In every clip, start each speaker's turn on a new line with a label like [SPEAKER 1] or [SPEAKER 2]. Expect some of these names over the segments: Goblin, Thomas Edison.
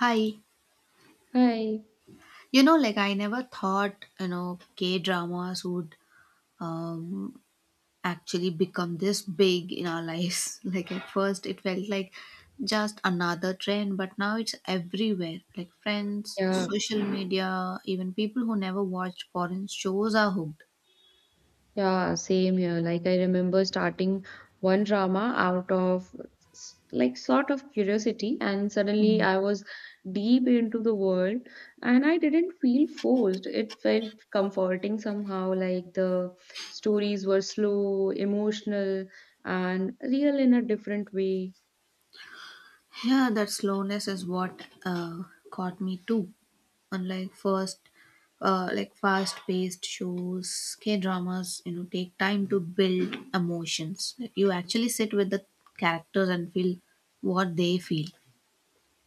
[SPEAKER 1] Hi.
[SPEAKER 2] Hi.
[SPEAKER 1] You know, like I never thought, you know, K dramas would um, actually become this big in our lives. Like at first, it felt like just another trend, but now it's everywhere. Like friends,
[SPEAKER 2] Yeah,
[SPEAKER 1] social media, even people who never watched foreign shows are hooked.
[SPEAKER 2] yeah, same here. Like I remember starting one drama out of like sort of curiosity, and suddenly I was deep into the world, and I didn't feel forced. It felt comforting somehow. Like the stories were slow, emotional, and real in a different way.
[SPEAKER 1] Yeah, that slowness is what caught me too. Unlike first, like fast-paced shows, K-dramas, you know, take time to build emotions. Like you actually sit with the characters and feel what they feel.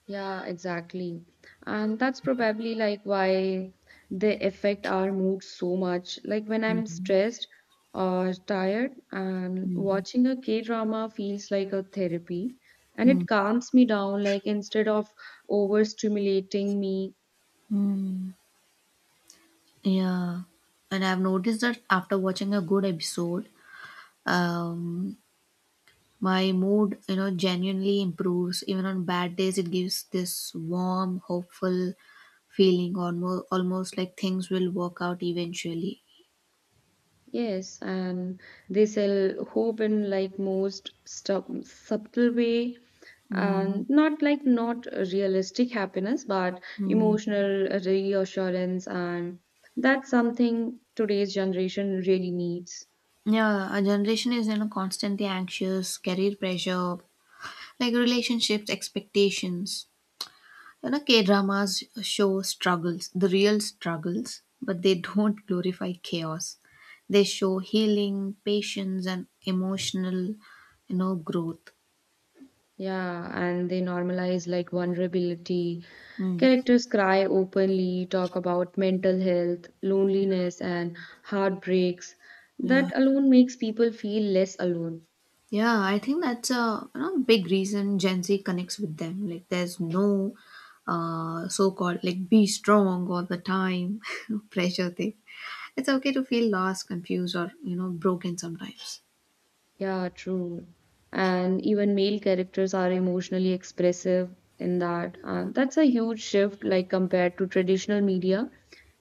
[SPEAKER 2] Yeah, exactly. And that's probably like why they affect our mood so much. Like when I'm stressed or tired, and watching a K-drama feels like a therapy and
[SPEAKER 1] Mm.
[SPEAKER 2] it calms me down, like instead of overstimulating me.
[SPEAKER 1] Mm. Yeah, and I've noticed that after watching a good episode, um, my mood, you know, genuinely improves. Even on bad days, it gives this warm, hopeful feeling, almost, almost like things will work out eventually.
[SPEAKER 2] Yes, and they sell hope in like most subtle way
[SPEAKER 1] Mm.
[SPEAKER 2] and not like not realistic happiness but
[SPEAKER 1] Mm.
[SPEAKER 2] emotional reassurance, and that's something today's generation really needs.
[SPEAKER 1] Yeah, our generation is, you know, constantly anxious, career pressure, like relationships, expectations. You know, K dramas show struggles, the real struggles, but they don't glorify chaos. They show healing, patience, and emotional, you know, growth.
[SPEAKER 2] Yeah, and they normalize like vulnerability.
[SPEAKER 1] Mm.
[SPEAKER 2] Characters cry openly, talk about mental health, loneliness and heartbreaks.
[SPEAKER 1] Yeah,
[SPEAKER 2] That alone makes people feel less alone.
[SPEAKER 1] yeah. I think that's a you know, big reason Gen Z connects with them. Like, there's no so-called like be strong all the time pressure thing. It's okay to feel lost, confused, or you know, broken sometimes.
[SPEAKER 2] Yeah, true. And even male characters are emotionally expressive in that. That's a huge shift, like compared to traditional media.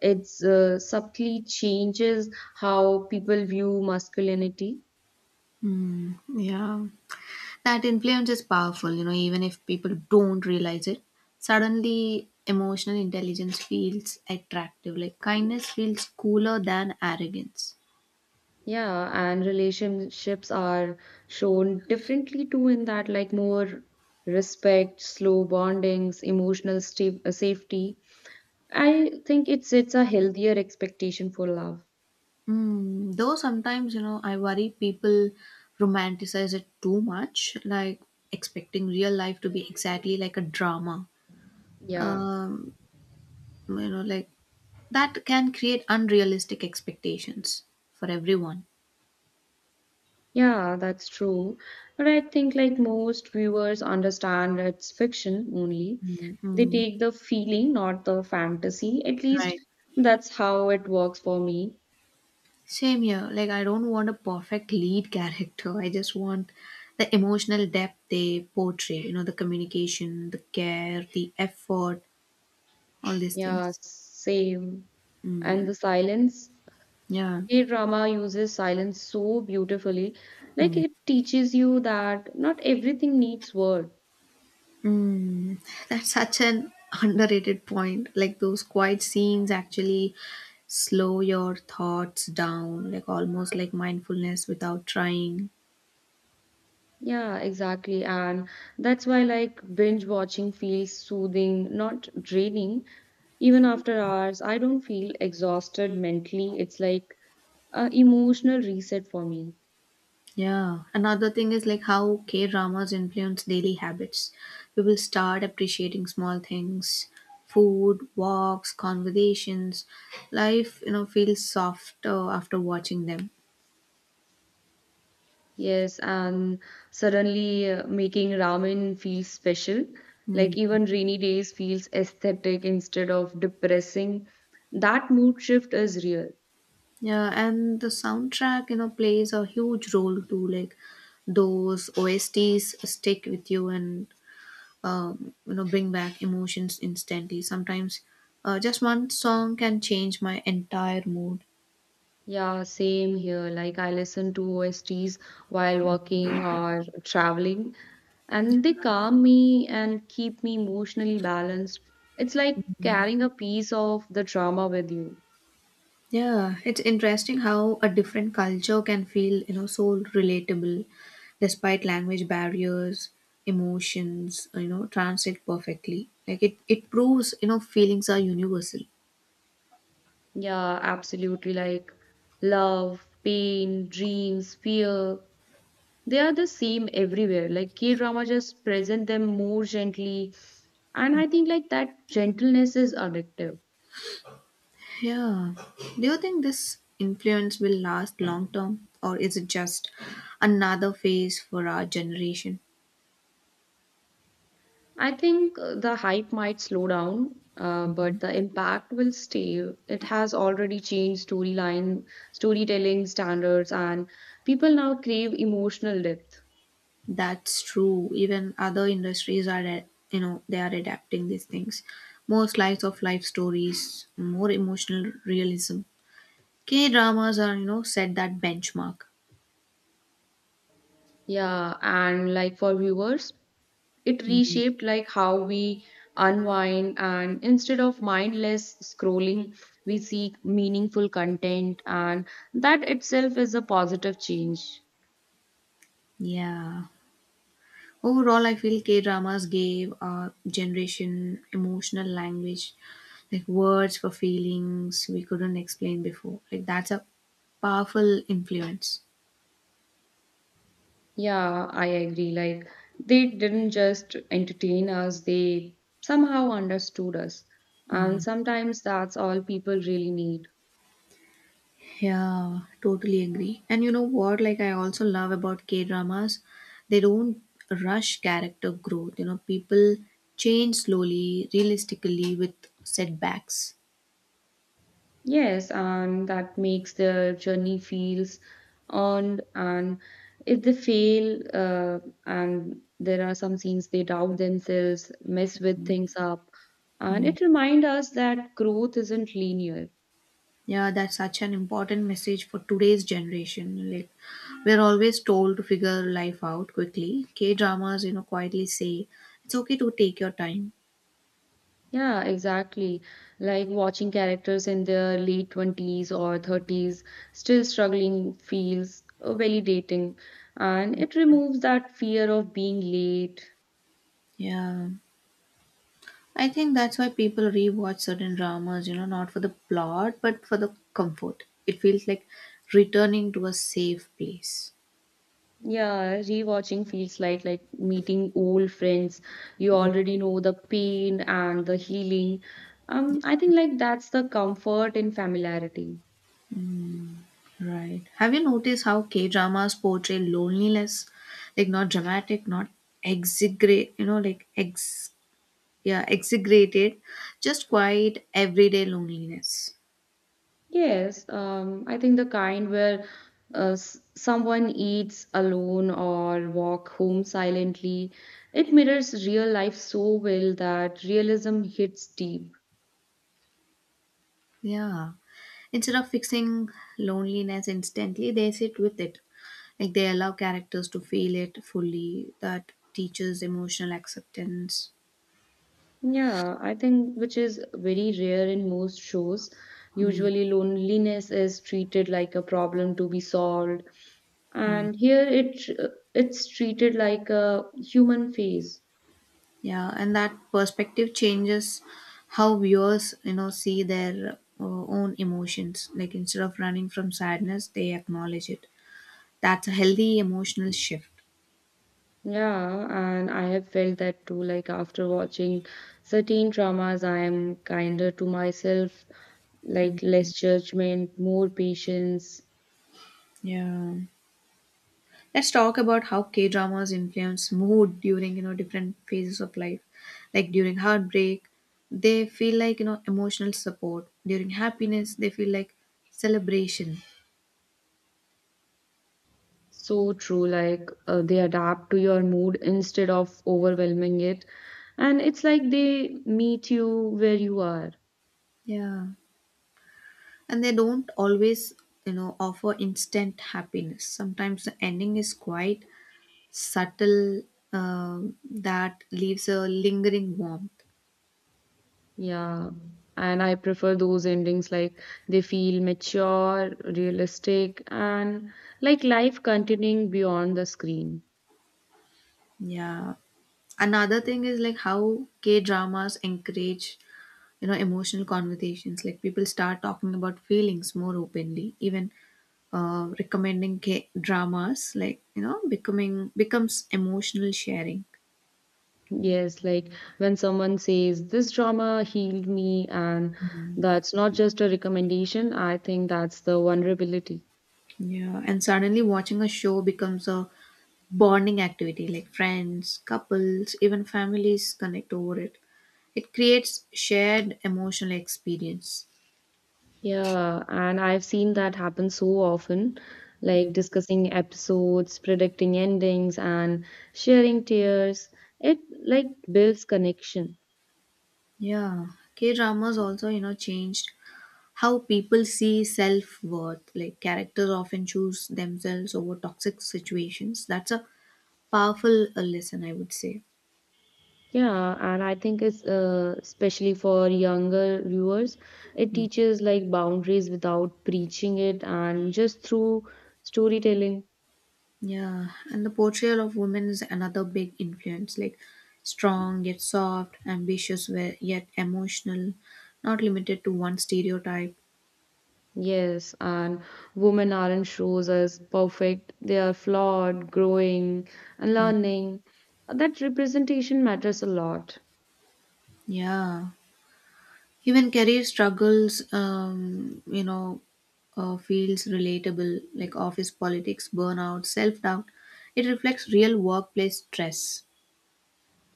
[SPEAKER 2] It's subtly changes how people view masculinity.
[SPEAKER 1] Yeah, that influence is powerful. You know, even if people don't realize it, suddenly emotional intelligence feels attractive. Like kindness feels cooler than arrogance.
[SPEAKER 2] Yeah, and relationships are shown differently too, in that, like more respect, slow bondings, emotional safety. I think it's a healthier expectation for love.
[SPEAKER 1] Mm, though sometimes, you know, I worry people romanticize it too much, like expecting real life to be exactly like a drama.
[SPEAKER 2] Yeah.
[SPEAKER 1] Um, you know, like that can create unrealistic expectations for everyone.
[SPEAKER 2] Yeah, that's true. But I think, like most viewers, understand it's fiction only. They
[SPEAKER 1] Mm-hmm.
[SPEAKER 2] take the feeling, not the fantasy. At least
[SPEAKER 1] Right.
[SPEAKER 2] that's how it works for me.
[SPEAKER 1] Same here. Like, I don't want a perfect lead character. I just want the emotional depth they portray, you know, the communication, the care, the effort, all these
[SPEAKER 2] Yeah,
[SPEAKER 1] things.
[SPEAKER 2] same. And
[SPEAKER 1] Mm,
[SPEAKER 2] the silence.
[SPEAKER 1] yeah.
[SPEAKER 2] K-drama uses silence so beautifully. Like it teaches you that not everything needs words.
[SPEAKER 1] Mm, that's such an underrated point. Like those quiet scenes actually slow your thoughts down, like almost like mindfulness without trying.
[SPEAKER 2] Yeah, exactly. And that's why like binge watching feels soothing, not draining. Even after hours, I don't feel exhausted mentally. It's like a emotional reset for me.
[SPEAKER 1] Yeah. Another thing is like how K dramas influence daily habits. We will start appreciating small things, food, walks, conversations. Life, you know, feels softer after watching them.
[SPEAKER 2] Yes, and suddenly making ramen feels special.
[SPEAKER 1] Hmm.
[SPEAKER 2] Like even rainy days feels aesthetic instead of depressing. That mood shift is real.
[SPEAKER 1] Yeah, and the soundtrack, you know, plays a huge role too. Like those OSTs stick with you and you know bring back emotions instantly. Sometimes just one song can change my entire mood.
[SPEAKER 2] Yeah, same here. Like I listen to OSTs while working or traveling, and they calm me and keep me emotionally balanced. It's like carrying a piece of the drama with you.
[SPEAKER 1] Yeah, it's interesting how a different culture can feel, you know, so relatable despite language barriers, emotions, you know, translate perfectly. Like it proves, you know, feelings are universal.
[SPEAKER 2] Yeah, absolutely. Like love, pain, dreams, fear, they are the same everywhere. Like K-drama just present them more gently, and I think like that gentleness is addictive.
[SPEAKER 1] Yeah. Do you think this influence will last long term, or is it just another phase for our generation?
[SPEAKER 2] I think the hype might slow down, but the impact will stay. It has already changed storyline, storytelling standards, and people now crave emotional depth.
[SPEAKER 1] That's true. Even other industries are, you know, they are adapting these things. More slice of life stories, more emotional realism. K dramas are, you know, set that benchmark.
[SPEAKER 2] Yeah, and like for viewers, it
[SPEAKER 1] Mhm.
[SPEAKER 2] reshaped like how we unwind, and instead of mindless scrolling we seek meaningful content, and that itself is a positive change.
[SPEAKER 1] Yeah. Overall, I feel K dramas gave our generation emotional language, like words for feelings we couldn't explain before. Like, that's a powerful influence.
[SPEAKER 2] Yeah, I agree. Like, they didn't just entertain us, they somehow understood us. And sometimes that's all people really need.
[SPEAKER 1] Yeah, totally agree. And you know what? Like, I also love about K dramas, they don't rush character growth. You know, people change slowly, realistically, with setbacks.
[SPEAKER 2] Yes, and that makes their journey feels earned. And if they fail, and there are some scenes they doubt themselves, mess with things up, and it reminds us that growth isn't linear.
[SPEAKER 1] Yeah, that's such an important message for today's generation. Like, we're always told to figure life out quickly. K dramas, you know, quietly say it's okay to take your time.
[SPEAKER 2] Yeah, exactly. Like watching characters in their late 20s or 30s still struggling feels validating, and it removes that fear of being late.
[SPEAKER 1] Yeah, I think that's why people rewatch certain dramas. You know, not for the plot, but for the comfort. It feels like returning to a safe place.
[SPEAKER 2] Yeah, rewatching feels like meeting old friends. You already know the pain and the healing. I think like that's the comfort in familiarity.
[SPEAKER 1] Right. Have you noticed how K dramas portray loneliness? Like, not dramatic, not exaggerate, you know, like ex yeah exaggerated, just quiet everyday loneliness.
[SPEAKER 2] Yes, I think the kind where someone eats alone or walk home silently, it mirrors real life so well that realism hits deep.
[SPEAKER 1] Yeah, instead of fixing loneliness instantly they sit with it, like they allow characters to feel it fully. That teaches emotional acceptance.
[SPEAKER 2] Yeah, I think which is very rare in most shows. Usually, loneliness is treated like a problem to be solved, and here it's treated like a human phase.
[SPEAKER 1] Yeah, and that perspective changes how viewers you know see their own emotions, like instead of running from sadness they acknowledge it. That's a healthy emotional shift.
[SPEAKER 2] Yeah, and I have felt that too. Like after watching certain dramas, I am kinder to myself, like less judgment, more patience.
[SPEAKER 1] Yeah. Let's talk about how K dramas influence mood during you know different phases of life. Like during heartbreak, they feel like you know emotional support. During happiness, they feel like celebration.
[SPEAKER 2] So true. Like they adapt to your mood instead of overwhelming it. And it's like they meet you where you are.
[SPEAKER 1] Yeah, and they don't always you know offer instant happiness. Sometimes the ending is quite subtle uh, that leaves a lingering warmth.
[SPEAKER 2] Yeah. And I prefer those endings like they feel mature, realistic, and like life continuing beyond the screen.
[SPEAKER 1] Yeah, another thing is like how K dramas encourage you know emotional conversations, like people start talking about feelings more openly, even recommending dramas like you know becoming becomes emotional sharing.
[SPEAKER 2] Yes, like when someone says this drama healed me, and that's not just a recommendation, I think that's the vulnerability.
[SPEAKER 1] Yeah, and suddenly watching a show becomes a bonding activity, like friends, couples, even families connect over it. It creates shared emotional experience.
[SPEAKER 2] Yeah, and I've seen that happen so often, like discussing episodes, predicting endings, and sharing tears. It like builds connection.
[SPEAKER 1] Yeah, K dramas also you know changed how people see self-worth, like characters often choose themselves over toxic situations. That's a powerful lesson I would say.
[SPEAKER 2] Yeah, and I think it's especially for younger viewers, it teaches like boundaries without preaching it and just through storytelling.
[SPEAKER 1] Yeah, and the portrayal of women is another big influence, like strong yet soft, ambitious yet emotional, not limited to one stereotype.
[SPEAKER 2] Yes, and women aren't shows as perfect. They are flawed, growing, and
[SPEAKER 1] Mm,
[SPEAKER 2] learning. That representation matters a lot.
[SPEAKER 1] yeah. Even career struggles, you know, feels relatable, like office politics, burnout, self doubt. It reflects real workplace stress.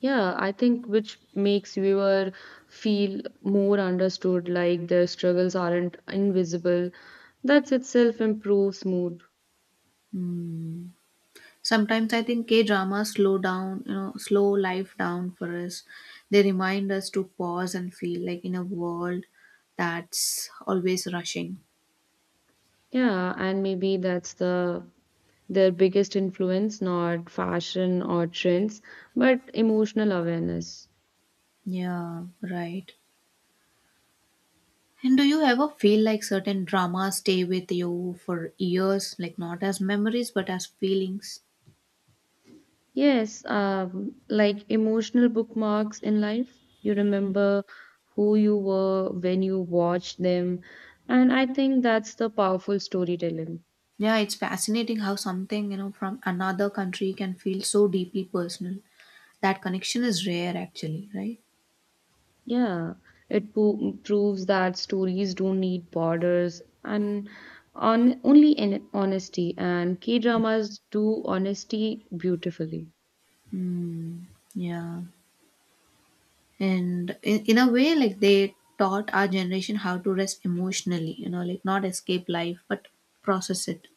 [SPEAKER 2] Yeah, I think which makes viewer feel more understood, like their struggles aren't invisible. That itself improves mood.
[SPEAKER 1] Sometimes I think K dramas slow down, you know, slow life down for us. They remind us to pause and feel, like in a world that's always rushing.
[SPEAKER 2] Yeah, and maybe that's the their biggest influence, not fashion or trends, but emotional awareness.
[SPEAKER 1] Yeah, right. And do you ever feel like certain dramas stay with you for years, like not as memories but as feelings?
[SPEAKER 2] Yes, like emotional bookmarks in life. You remember who you were when you watched them. And I think that's the powerful storytelling.
[SPEAKER 1] Yeah, it's fascinating how something, you know, from another country can feel so deeply personal. That connection is rare actually, right?
[SPEAKER 2] Yeah, it po proves that stories don't need borders and on only in honesty. And K-dramas do honesty beautifully.
[SPEAKER 1] Yeah. And in a way, like they taught our generation how to rest emotionally, you know, like not escape life, but process it.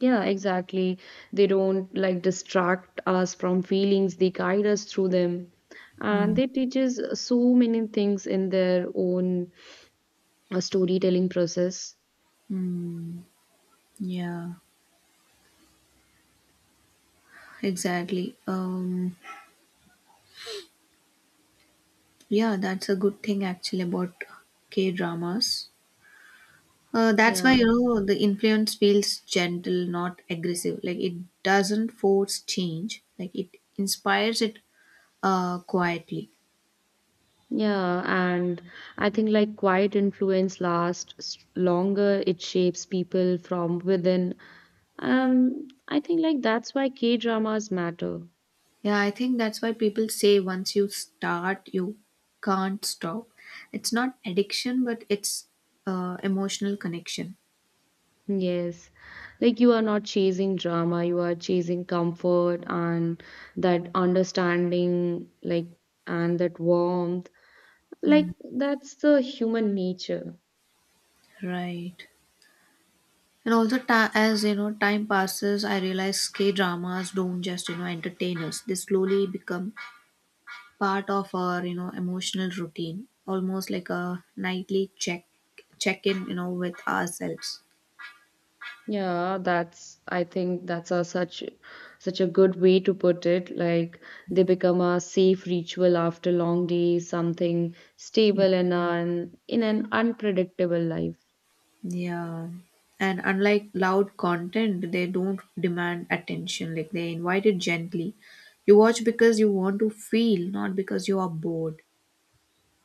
[SPEAKER 2] Yeah, exactly. They don't like distract us from feelings, they guide us through them. And
[SPEAKER 1] Mm.
[SPEAKER 2] they teach us so many things in their own storytelling process.
[SPEAKER 1] Mm. Yeah, exactly. Yeah, that's a good thing actually about K dramas. That's why
[SPEAKER 2] Yeah,
[SPEAKER 1] you know the influence feels gentle, not aggressive. Like it doesn't force change. Like it inspires it quietly.
[SPEAKER 2] yeah. And I think like quiet influence lasts longer, it shapes people from within. I think like that's why K dramas matter.
[SPEAKER 1] Yeah, I think that's why people say once you start, you can't stop. It's not addiction, but it's emotional connection.
[SPEAKER 2] Yes, like you are not chasing drama, you are chasing comfort and that understanding, like, and that warmth. Like,
[SPEAKER 1] Mm,
[SPEAKER 2] that's the human nature.
[SPEAKER 1] right. And also, as you know, time passes, I realize K dramas don't just you know entertain us. They slowly become part of our you know emotional routine, almost like a nightly check in you know with ourselves.
[SPEAKER 2] Yeah, that's, I think that's a such a good way to put it. Like, they become a safe ritual after long days, something stable in an unpredictable life.
[SPEAKER 1] Yeah, and unlike loud content they don't demand attention, like they invite it gently. You watch because you want to feel, not because you are bored.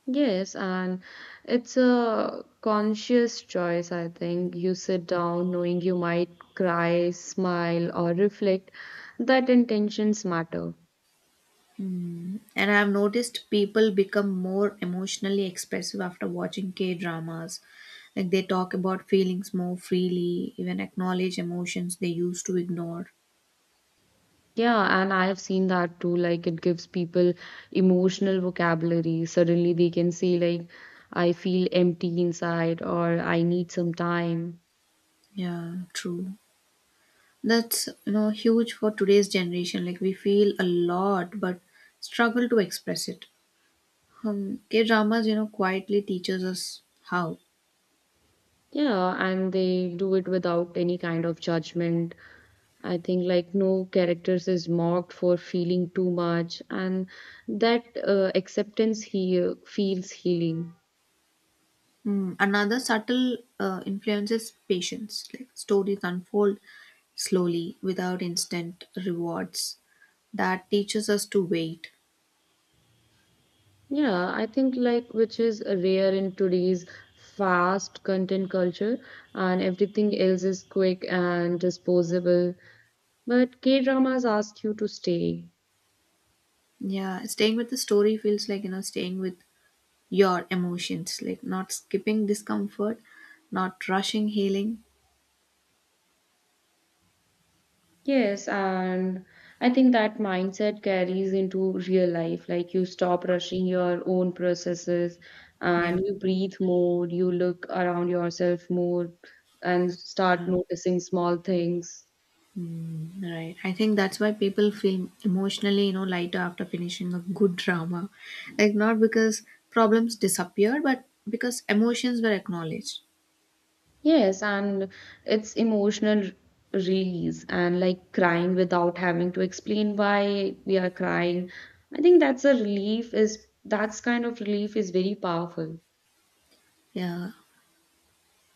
[SPEAKER 2] Yes, and it's a conscious choice, I think. You sit down knowing you might cry, smile, or reflect, that intentions matter.
[SPEAKER 1] And I have noticed people become more emotionally expressive after watching K dramas, like they talk about feelings more freely, even acknowledge emotions they used to ignore.
[SPEAKER 2] Yeah, and I have seen that too. Like, it gives people emotional vocabulary. Suddenly, they can say, like, I feel empty inside, or I need some time.
[SPEAKER 1] Yeah, true. That's, you know, huge for today's generation. Like we feel a lot but struggle to express it. K-dramas, you know, quietly teaches us how.
[SPEAKER 2] Yeah, and they do it without any kind of judgment. I think like no characters is mocked for feeling too much, and that acceptance he feels healing.
[SPEAKER 1] Hmm, another subtle influence is patience. Like stories unfold slowly without instant rewards. That teaches us to wait.
[SPEAKER 2] Yeah, I think like which is rare in today's fast content culture, and everything else is quick and disposable. But K dramas ask you to stay.
[SPEAKER 1] Yeah, staying with the story feels like, you know, staying with your emotions, like not skipping discomfort, not rushing healing.
[SPEAKER 2] Yes, and I think that mindset carries into real life. Like you stop rushing your own processes
[SPEAKER 1] Yeah.
[SPEAKER 2] and you breathe more, you look around yourself more and start noticing small things.
[SPEAKER 1] Mm, right. I think that's why people feel emotionally, you know, lighter after finishing a good drama. Like not because problems disappeared, but because emotions were acknowledged.
[SPEAKER 2] Yes, and it's emotional release and like crying without having to explain why we are crying. I think that's kind of relief is very powerful.
[SPEAKER 1] Yeah.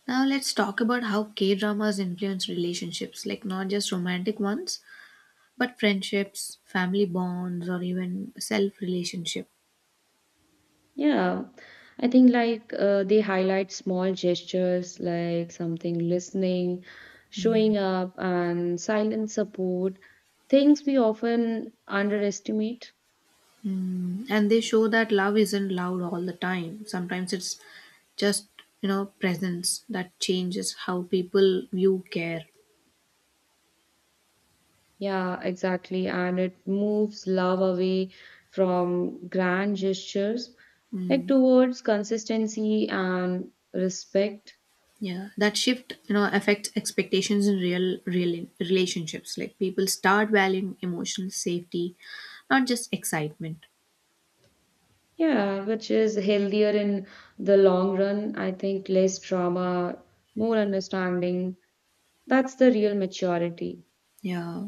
[SPEAKER 1] Now let's talk about how K dramas influence relationships, like not just romantic ones, but friendships, family bonds, or even self relationship.
[SPEAKER 2] Yeah, I think like they highlight small gestures like something listening, showing up, and silent support, things we often underestimate.
[SPEAKER 1] Mm, and they show that love isn't loud all the time. Sometimes it's just, you know, presence that changes how people view care.
[SPEAKER 2] Yeah, exactly. And it moves love away from grand gestures, like
[SPEAKER 1] Mm,
[SPEAKER 2] towards consistency and respect.
[SPEAKER 1] yeah, that shift, you know, affects expectations in real relationships. Like people start valuing emotional safety, not just excitement.
[SPEAKER 2] Yeah, which is healthier in the long run. I think less drama, more understanding. That's the real maturity.
[SPEAKER 1] Yeah,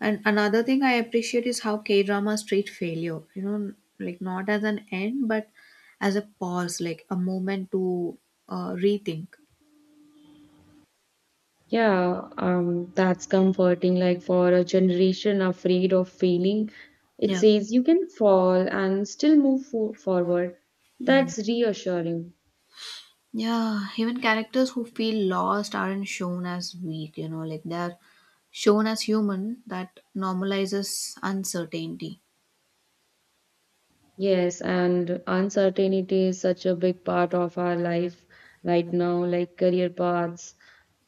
[SPEAKER 1] and another thing I appreciate is how K dramas treat failure. You know, like not as an end, but as a pause, like a moment to rethink.
[SPEAKER 2] Yeah, that's comforting. Like for a generation afraid of failing, it
[SPEAKER 1] Yeah.
[SPEAKER 2] says you can fall and still move forward.
[SPEAKER 1] Mm.
[SPEAKER 2] That's reassuring.
[SPEAKER 1] Yeah, even characters who feel lost aren't shown as weak, you know, like they're shown as human. That normalizes uncertainty.
[SPEAKER 2] Yes, and uncertainty is such a big part of our life right now, like career paths,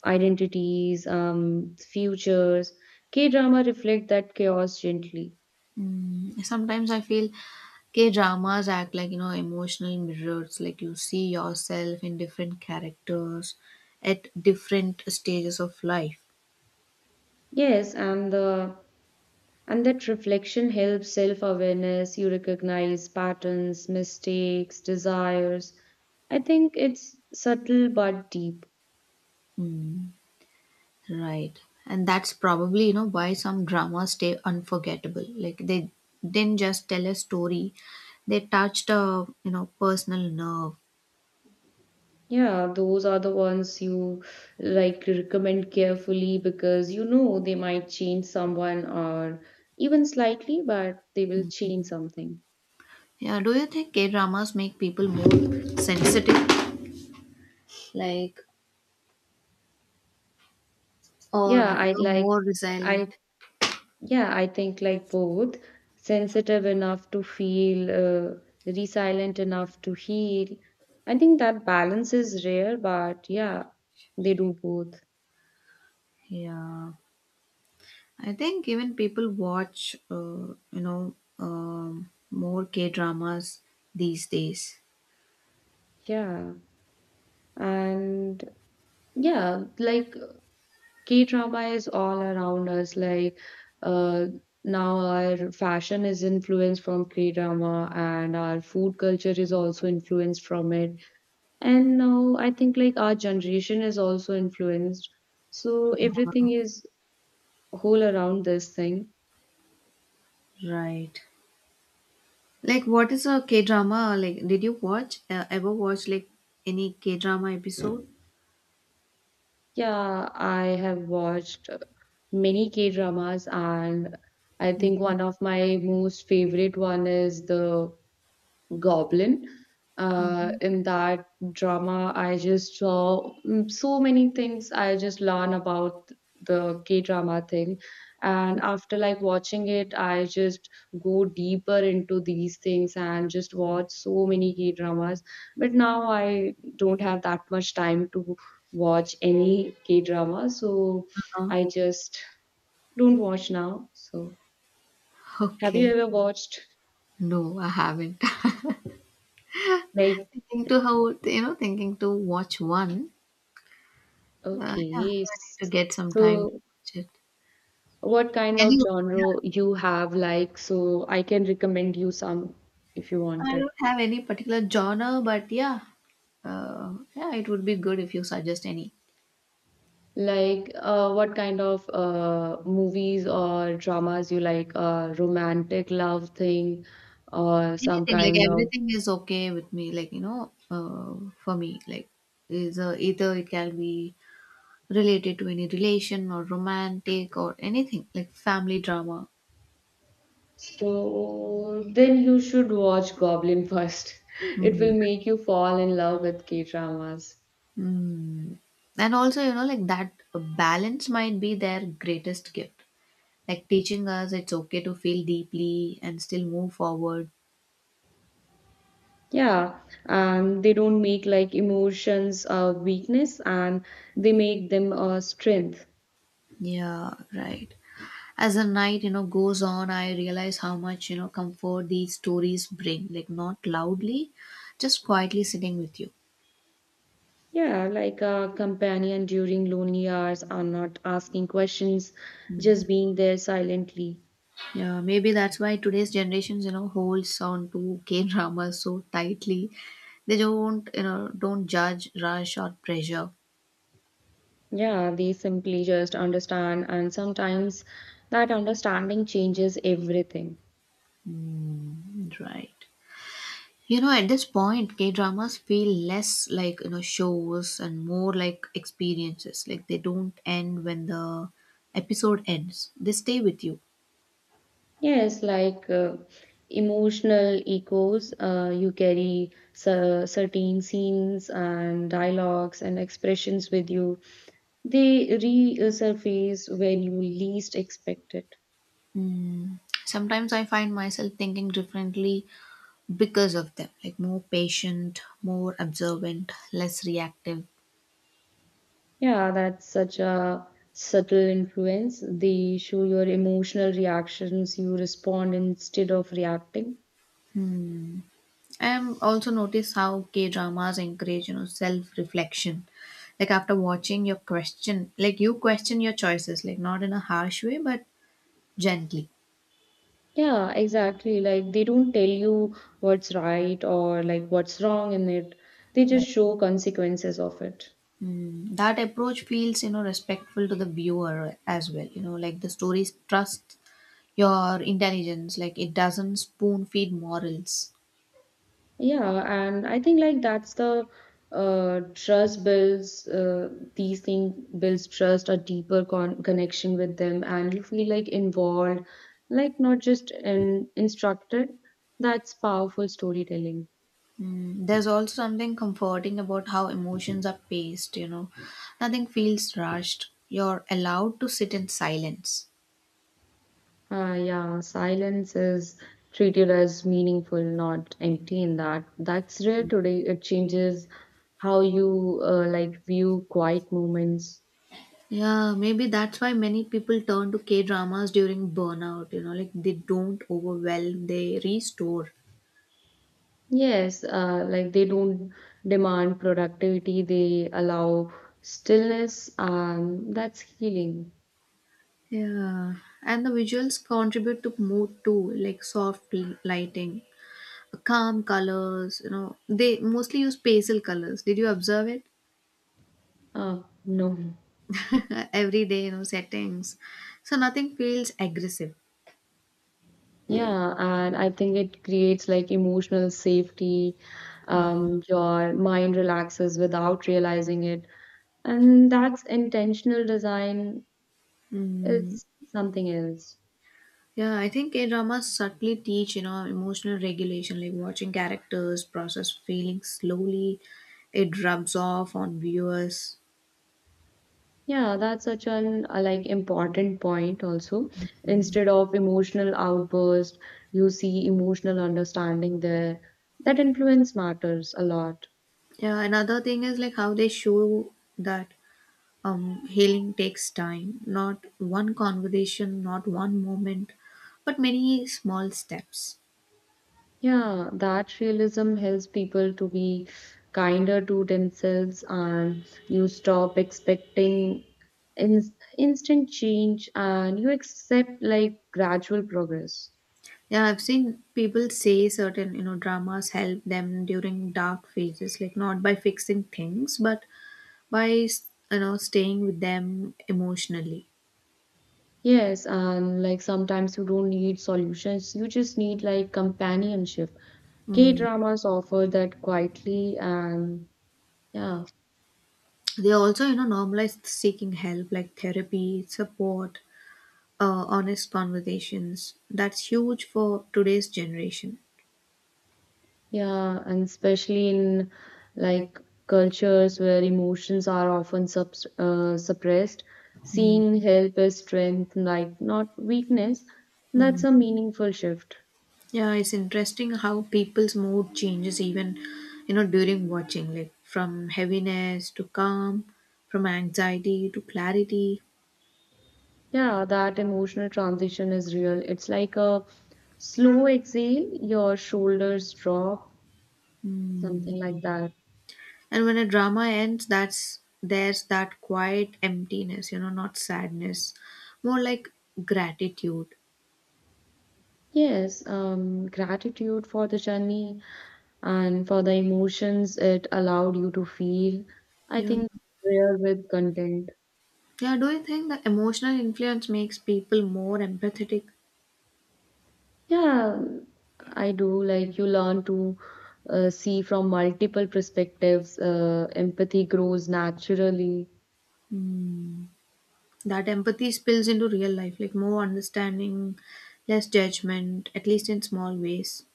[SPEAKER 2] identities, futures. K drama reflect that chaos gently.
[SPEAKER 1] Mm, sometimes I feel K dramas act like, you know, emotional mirrors, like you see yourself in different characters at different stages of life.
[SPEAKER 2] Yes, and the And that reflection helps self awareness. You recognize patterns, mistakes, desires. I think it's subtle but deep.
[SPEAKER 1] Mm. Right. And that's probably, you know, why some dramas stay unforgettable. Like they didn't just tell a story, they touched a, you know, personal nerve.
[SPEAKER 2] Yeah, those are the ones you like recommend carefully because you know they might change someone or even slightly, but they will change something.
[SPEAKER 1] Yeah, do you think K-dramas make people more sensitive? Like or
[SPEAKER 2] Yeah,
[SPEAKER 1] you
[SPEAKER 2] I
[SPEAKER 1] know,
[SPEAKER 2] like
[SPEAKER 1] more
[SPEAKER 2] I
[SPEAKER 1] resilient?
[SPEAKER 2] Yeah, I think like both sensitive enough to feel, resilient enough to heal. I think that balance is rare, but yeah, they do both.
[SPEAKER 1] Yeah. I think even people watch you know, more K-dramas these days.
[SPEAKER 2] Yeah. And yeah, like K drama is all around us. Like uh, now our fashion is influenced from K drama, and our food culture is also influenced from it. And now I think like our generation is also influenced. So everything is whole around this thing.
[SPEAKER 1] Right. Like, what is a K drama? Like, did you watch ever watch like any K drama episode?
[SPEAKER 2] Yeah, I have watched many K dramas, and I think one of my most favorite one is the Goblin.
[SPEAKER 1] Mm-hmm.
[SPEAKER 2] In that drama, I just saw so many things. I just learned about the K drama thing, and after like watching it, I just go deeper into these things and just watch so many K dramas. But now I don't have that much time to watch any K drama, so
[SPEAKER 1] Uh,
[SPEAKER 2] I just don't watch now. So, have you
[SPEAKER 1] okay,
[SPEAKER 2] ever watched
[SPEAKER 1] no, I haven't.
[SPEAKER 2] like
[SPEAKER 1] Thinking to how you know, thinking to watch one. Yeah, I
[SPEAKER 2] okay,
[SPEAKER 1] need to get some time to
[SPEAKER 2] so?
[SPEAKER 1] watch it.
[SPEAKER 2] what kind of
[SPEAKER 1] Anyway, yeah,
[SPEAKER 2] genre you have like so I can recommend you some if you
[SPEAKER 1] I
[SPEAKER 2] wanted
[SPEAKER 1] don't have any particular genre, but yeah, yeah, it would be good if you suggest any.
[SPEAKER 2] like what kind of movies or dramas you like romantic love thing or some
[SPEAKER 1] Anything, like
[SPEAKER 2] kind of
[SPEAKER 1] everything is okay with me. Like you know, for me, like is either it can be related to any relation or romantic or anything like family drama.
[SPEAKER 2] so then you should watch goblin first it will
[SPEAKER 1] Mm.
[SPEAKER 2] make you fall in love with k dramas
[SPEAKER 1] Mm. And also, you know, like that balance might be their greatest gift, like teaching us it's okay to feel deeply and still move forward.
[SPEAKER 2] yeah and they don't make like emotions a weakness and they make them a strength.
[SPEAKER 1] Yeah, right. As the night, you know, goes on, I realize how much, you know, comfort these stories bring, like not loudly, just quietly sitting with you.
[SPEAKER 2] Yeah, like a companion during lonely hours are not asking questions, just being there silently.
[SPEAKER 1] Yeah, maybe that's why today's generations, you know, holds on to K dramas so tightly. They don't, don't judge, rush, or pressure.
[SPEAKER 2] Yeah, they simply just understand, and sometimes that understanding changes everything.
[SPEAKER 1] Mm, right. You know, at this point, K dramas feel less like you know shows and more like experiences. Like they don't end when the episode ends; they stay with you.
[SPEAKER 2] Yes, like emotional echoes, you carry certain scenes and dialogues and expressions with you. They resurface when you least expect it.
[SPEAKER 1] Mm. Sometimes I find myself thinking differently because of them. Like more patient, more observant, less reactive.
[SPEAKER 2] Yeah, that's such a subtle influence. They show your emotional reactions, you respond instead of reacting.
[SPEAKER 1] I've also noticed how K dramas encourage, you know, self reflection. Like after watching your question, like you question your choices, like not in a harsh way, but gently.
[SPEAKER 2] Yeah, exactly. Like they don't tell you what's right or like what's wrong in it. They
[SPEAKER 1] Right.
[SPEAKER 2] just show consequences of it.
[SPEAKER 1] Mm, that approach feels, you know, respectful to the viewer as well. You know, like the stories trust your intelligence, like it doesn't spoon feed morals.
[SPEAKER 2] Yeah, and I think like that's the trust builds these things builds trust, a deeper connection with them, and you feel like involved, like not just in instructed. That's powerful storytelling.
[SPEAKER 1] Mm, there's also something comforting about how emotions are paced, you know, nothing feels rushed. You're allowed to sit in silence.
[SPEAKER 2] Yeah, silence is treated as meaningful, not empty in that. That's rare today. It changes how you like view quiet moments.
[SPEAKER 1] Yeah, maybe that's why many people turn to K dramas during burnout, you know, like they don't overwhelm, they restore.
[SPEAKER 2] Yes, like they don't demand productivity, they allow stillness, and that's healing.
[SPEAKER 1] Yeah, and the visuals contribute to mood too, like soft lighting, calm colors, you know, they mostly use pastel colors. Did you observe it?
[SPEAKER 2] No.
[SPEAKER 1] Every day, you know, settings. So nothing feels aggressive.
[SPEAKER 2] Yeah, and I think it creates like emotional safety. Your mind relaxes without realizing it. And that's intentional design. It's something else.
[SPEAKER 1] Yeah, I think K dramas subtly teach, you know, emotional regulation, like watching characters process feelings slowly, it rubs off on viewers.
[SPEAKER 2] Yeah, that's such an like important point also. Instead of emotional outburst, you see emotional understanding there. That influence matters a lot.
[SPEAKER 1] Yeah, another thing is like how they show that healing takes time, not one conversation, not one moment, but many small steps.
[SPEAKER 2] Yeah, that realism helps people to be kinder to themselves, and you stop expecting in instant change and you accept like gradual progress.
[SPEAKER 1] Yeah, I've seen people say certain, you know, dramas help them during dark phases, like not by fixing things, but by you know staying with them emotionally.
[SPEAKER 2] Yes, and like sometimes you don't need solutions, you just need like companionship. K
[SPEAKER 1] Mm.
[SPEAKER 2] dramas offer that quietly, and yeah,
[SPEAKER 1] They also you know normalize seeking help, like therapy support, honest conversations. That's huge for today's generation.
[SPEAKER 2] yeah, and especially in like cultures where emotions are often sub suppressed, seeing help as strength, like not weakness, that's a meaningful shift.
[SPEAKER 1] Yeah, it's interesting how people's mood changes even you know during watching, like from heaviness to calm, from anxiety to clarity.
[SPEAKER 2] Yeah, that emotional transition is real. It's like a slow exhale, your shoulders drop. Something like that.
[SPEAKER 1] And when a drama ends, that's there's that quiet emptiness you know, not sadness, more like gratitude.
[SPEAKER 2] Yes, gratitude for the journey and for the emotions it allowed you to feel. I
[SPEAKER 1] Yeah.
[SPEAKER 2] think real with content.
[SPEAKER 1] Yeah, do you think the emotional influence makes people more empathetic?
[SPEAKER 2] Yeah, I do. Like you learn to see from multiple perspectives. Empathy grows naturally.
[SPEAKER 1] Mm. That empathy spills into real life, like more understanding, less judgment, at least in small ways.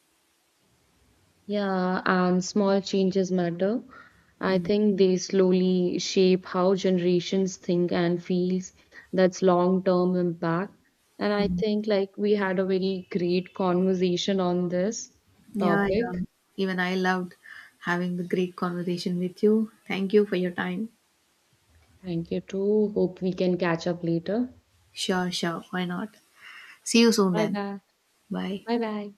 [SPEAKER 2] Yeah, and small changes matter. I
[SPEAKER 1] Mm.
[SPEAKER 2] think they slowly shape how generations think and feels. That's long-term impact. And I
[SPEAKER 1] Mm.
[SPEAKER 2] think like we had a very great conversation on this
[SPEAKER 1] Yeah,
[SPEAKER 2] topic.
[SPEAKER 1] yeah. Even I loved having the great conversation with you. Thank you for your time.
[SPEAKER 2] Thank you too. Hope we can catch up later.
[SPEAKER 1] Sure, sure. Why not? See you soon
[SPEAKER 2] Bye
[SPEAKER 1] then.
[SPEAKER 2] bye.
[SPEAKER 1] Bye.
[SPEAKER 2] Bye bye.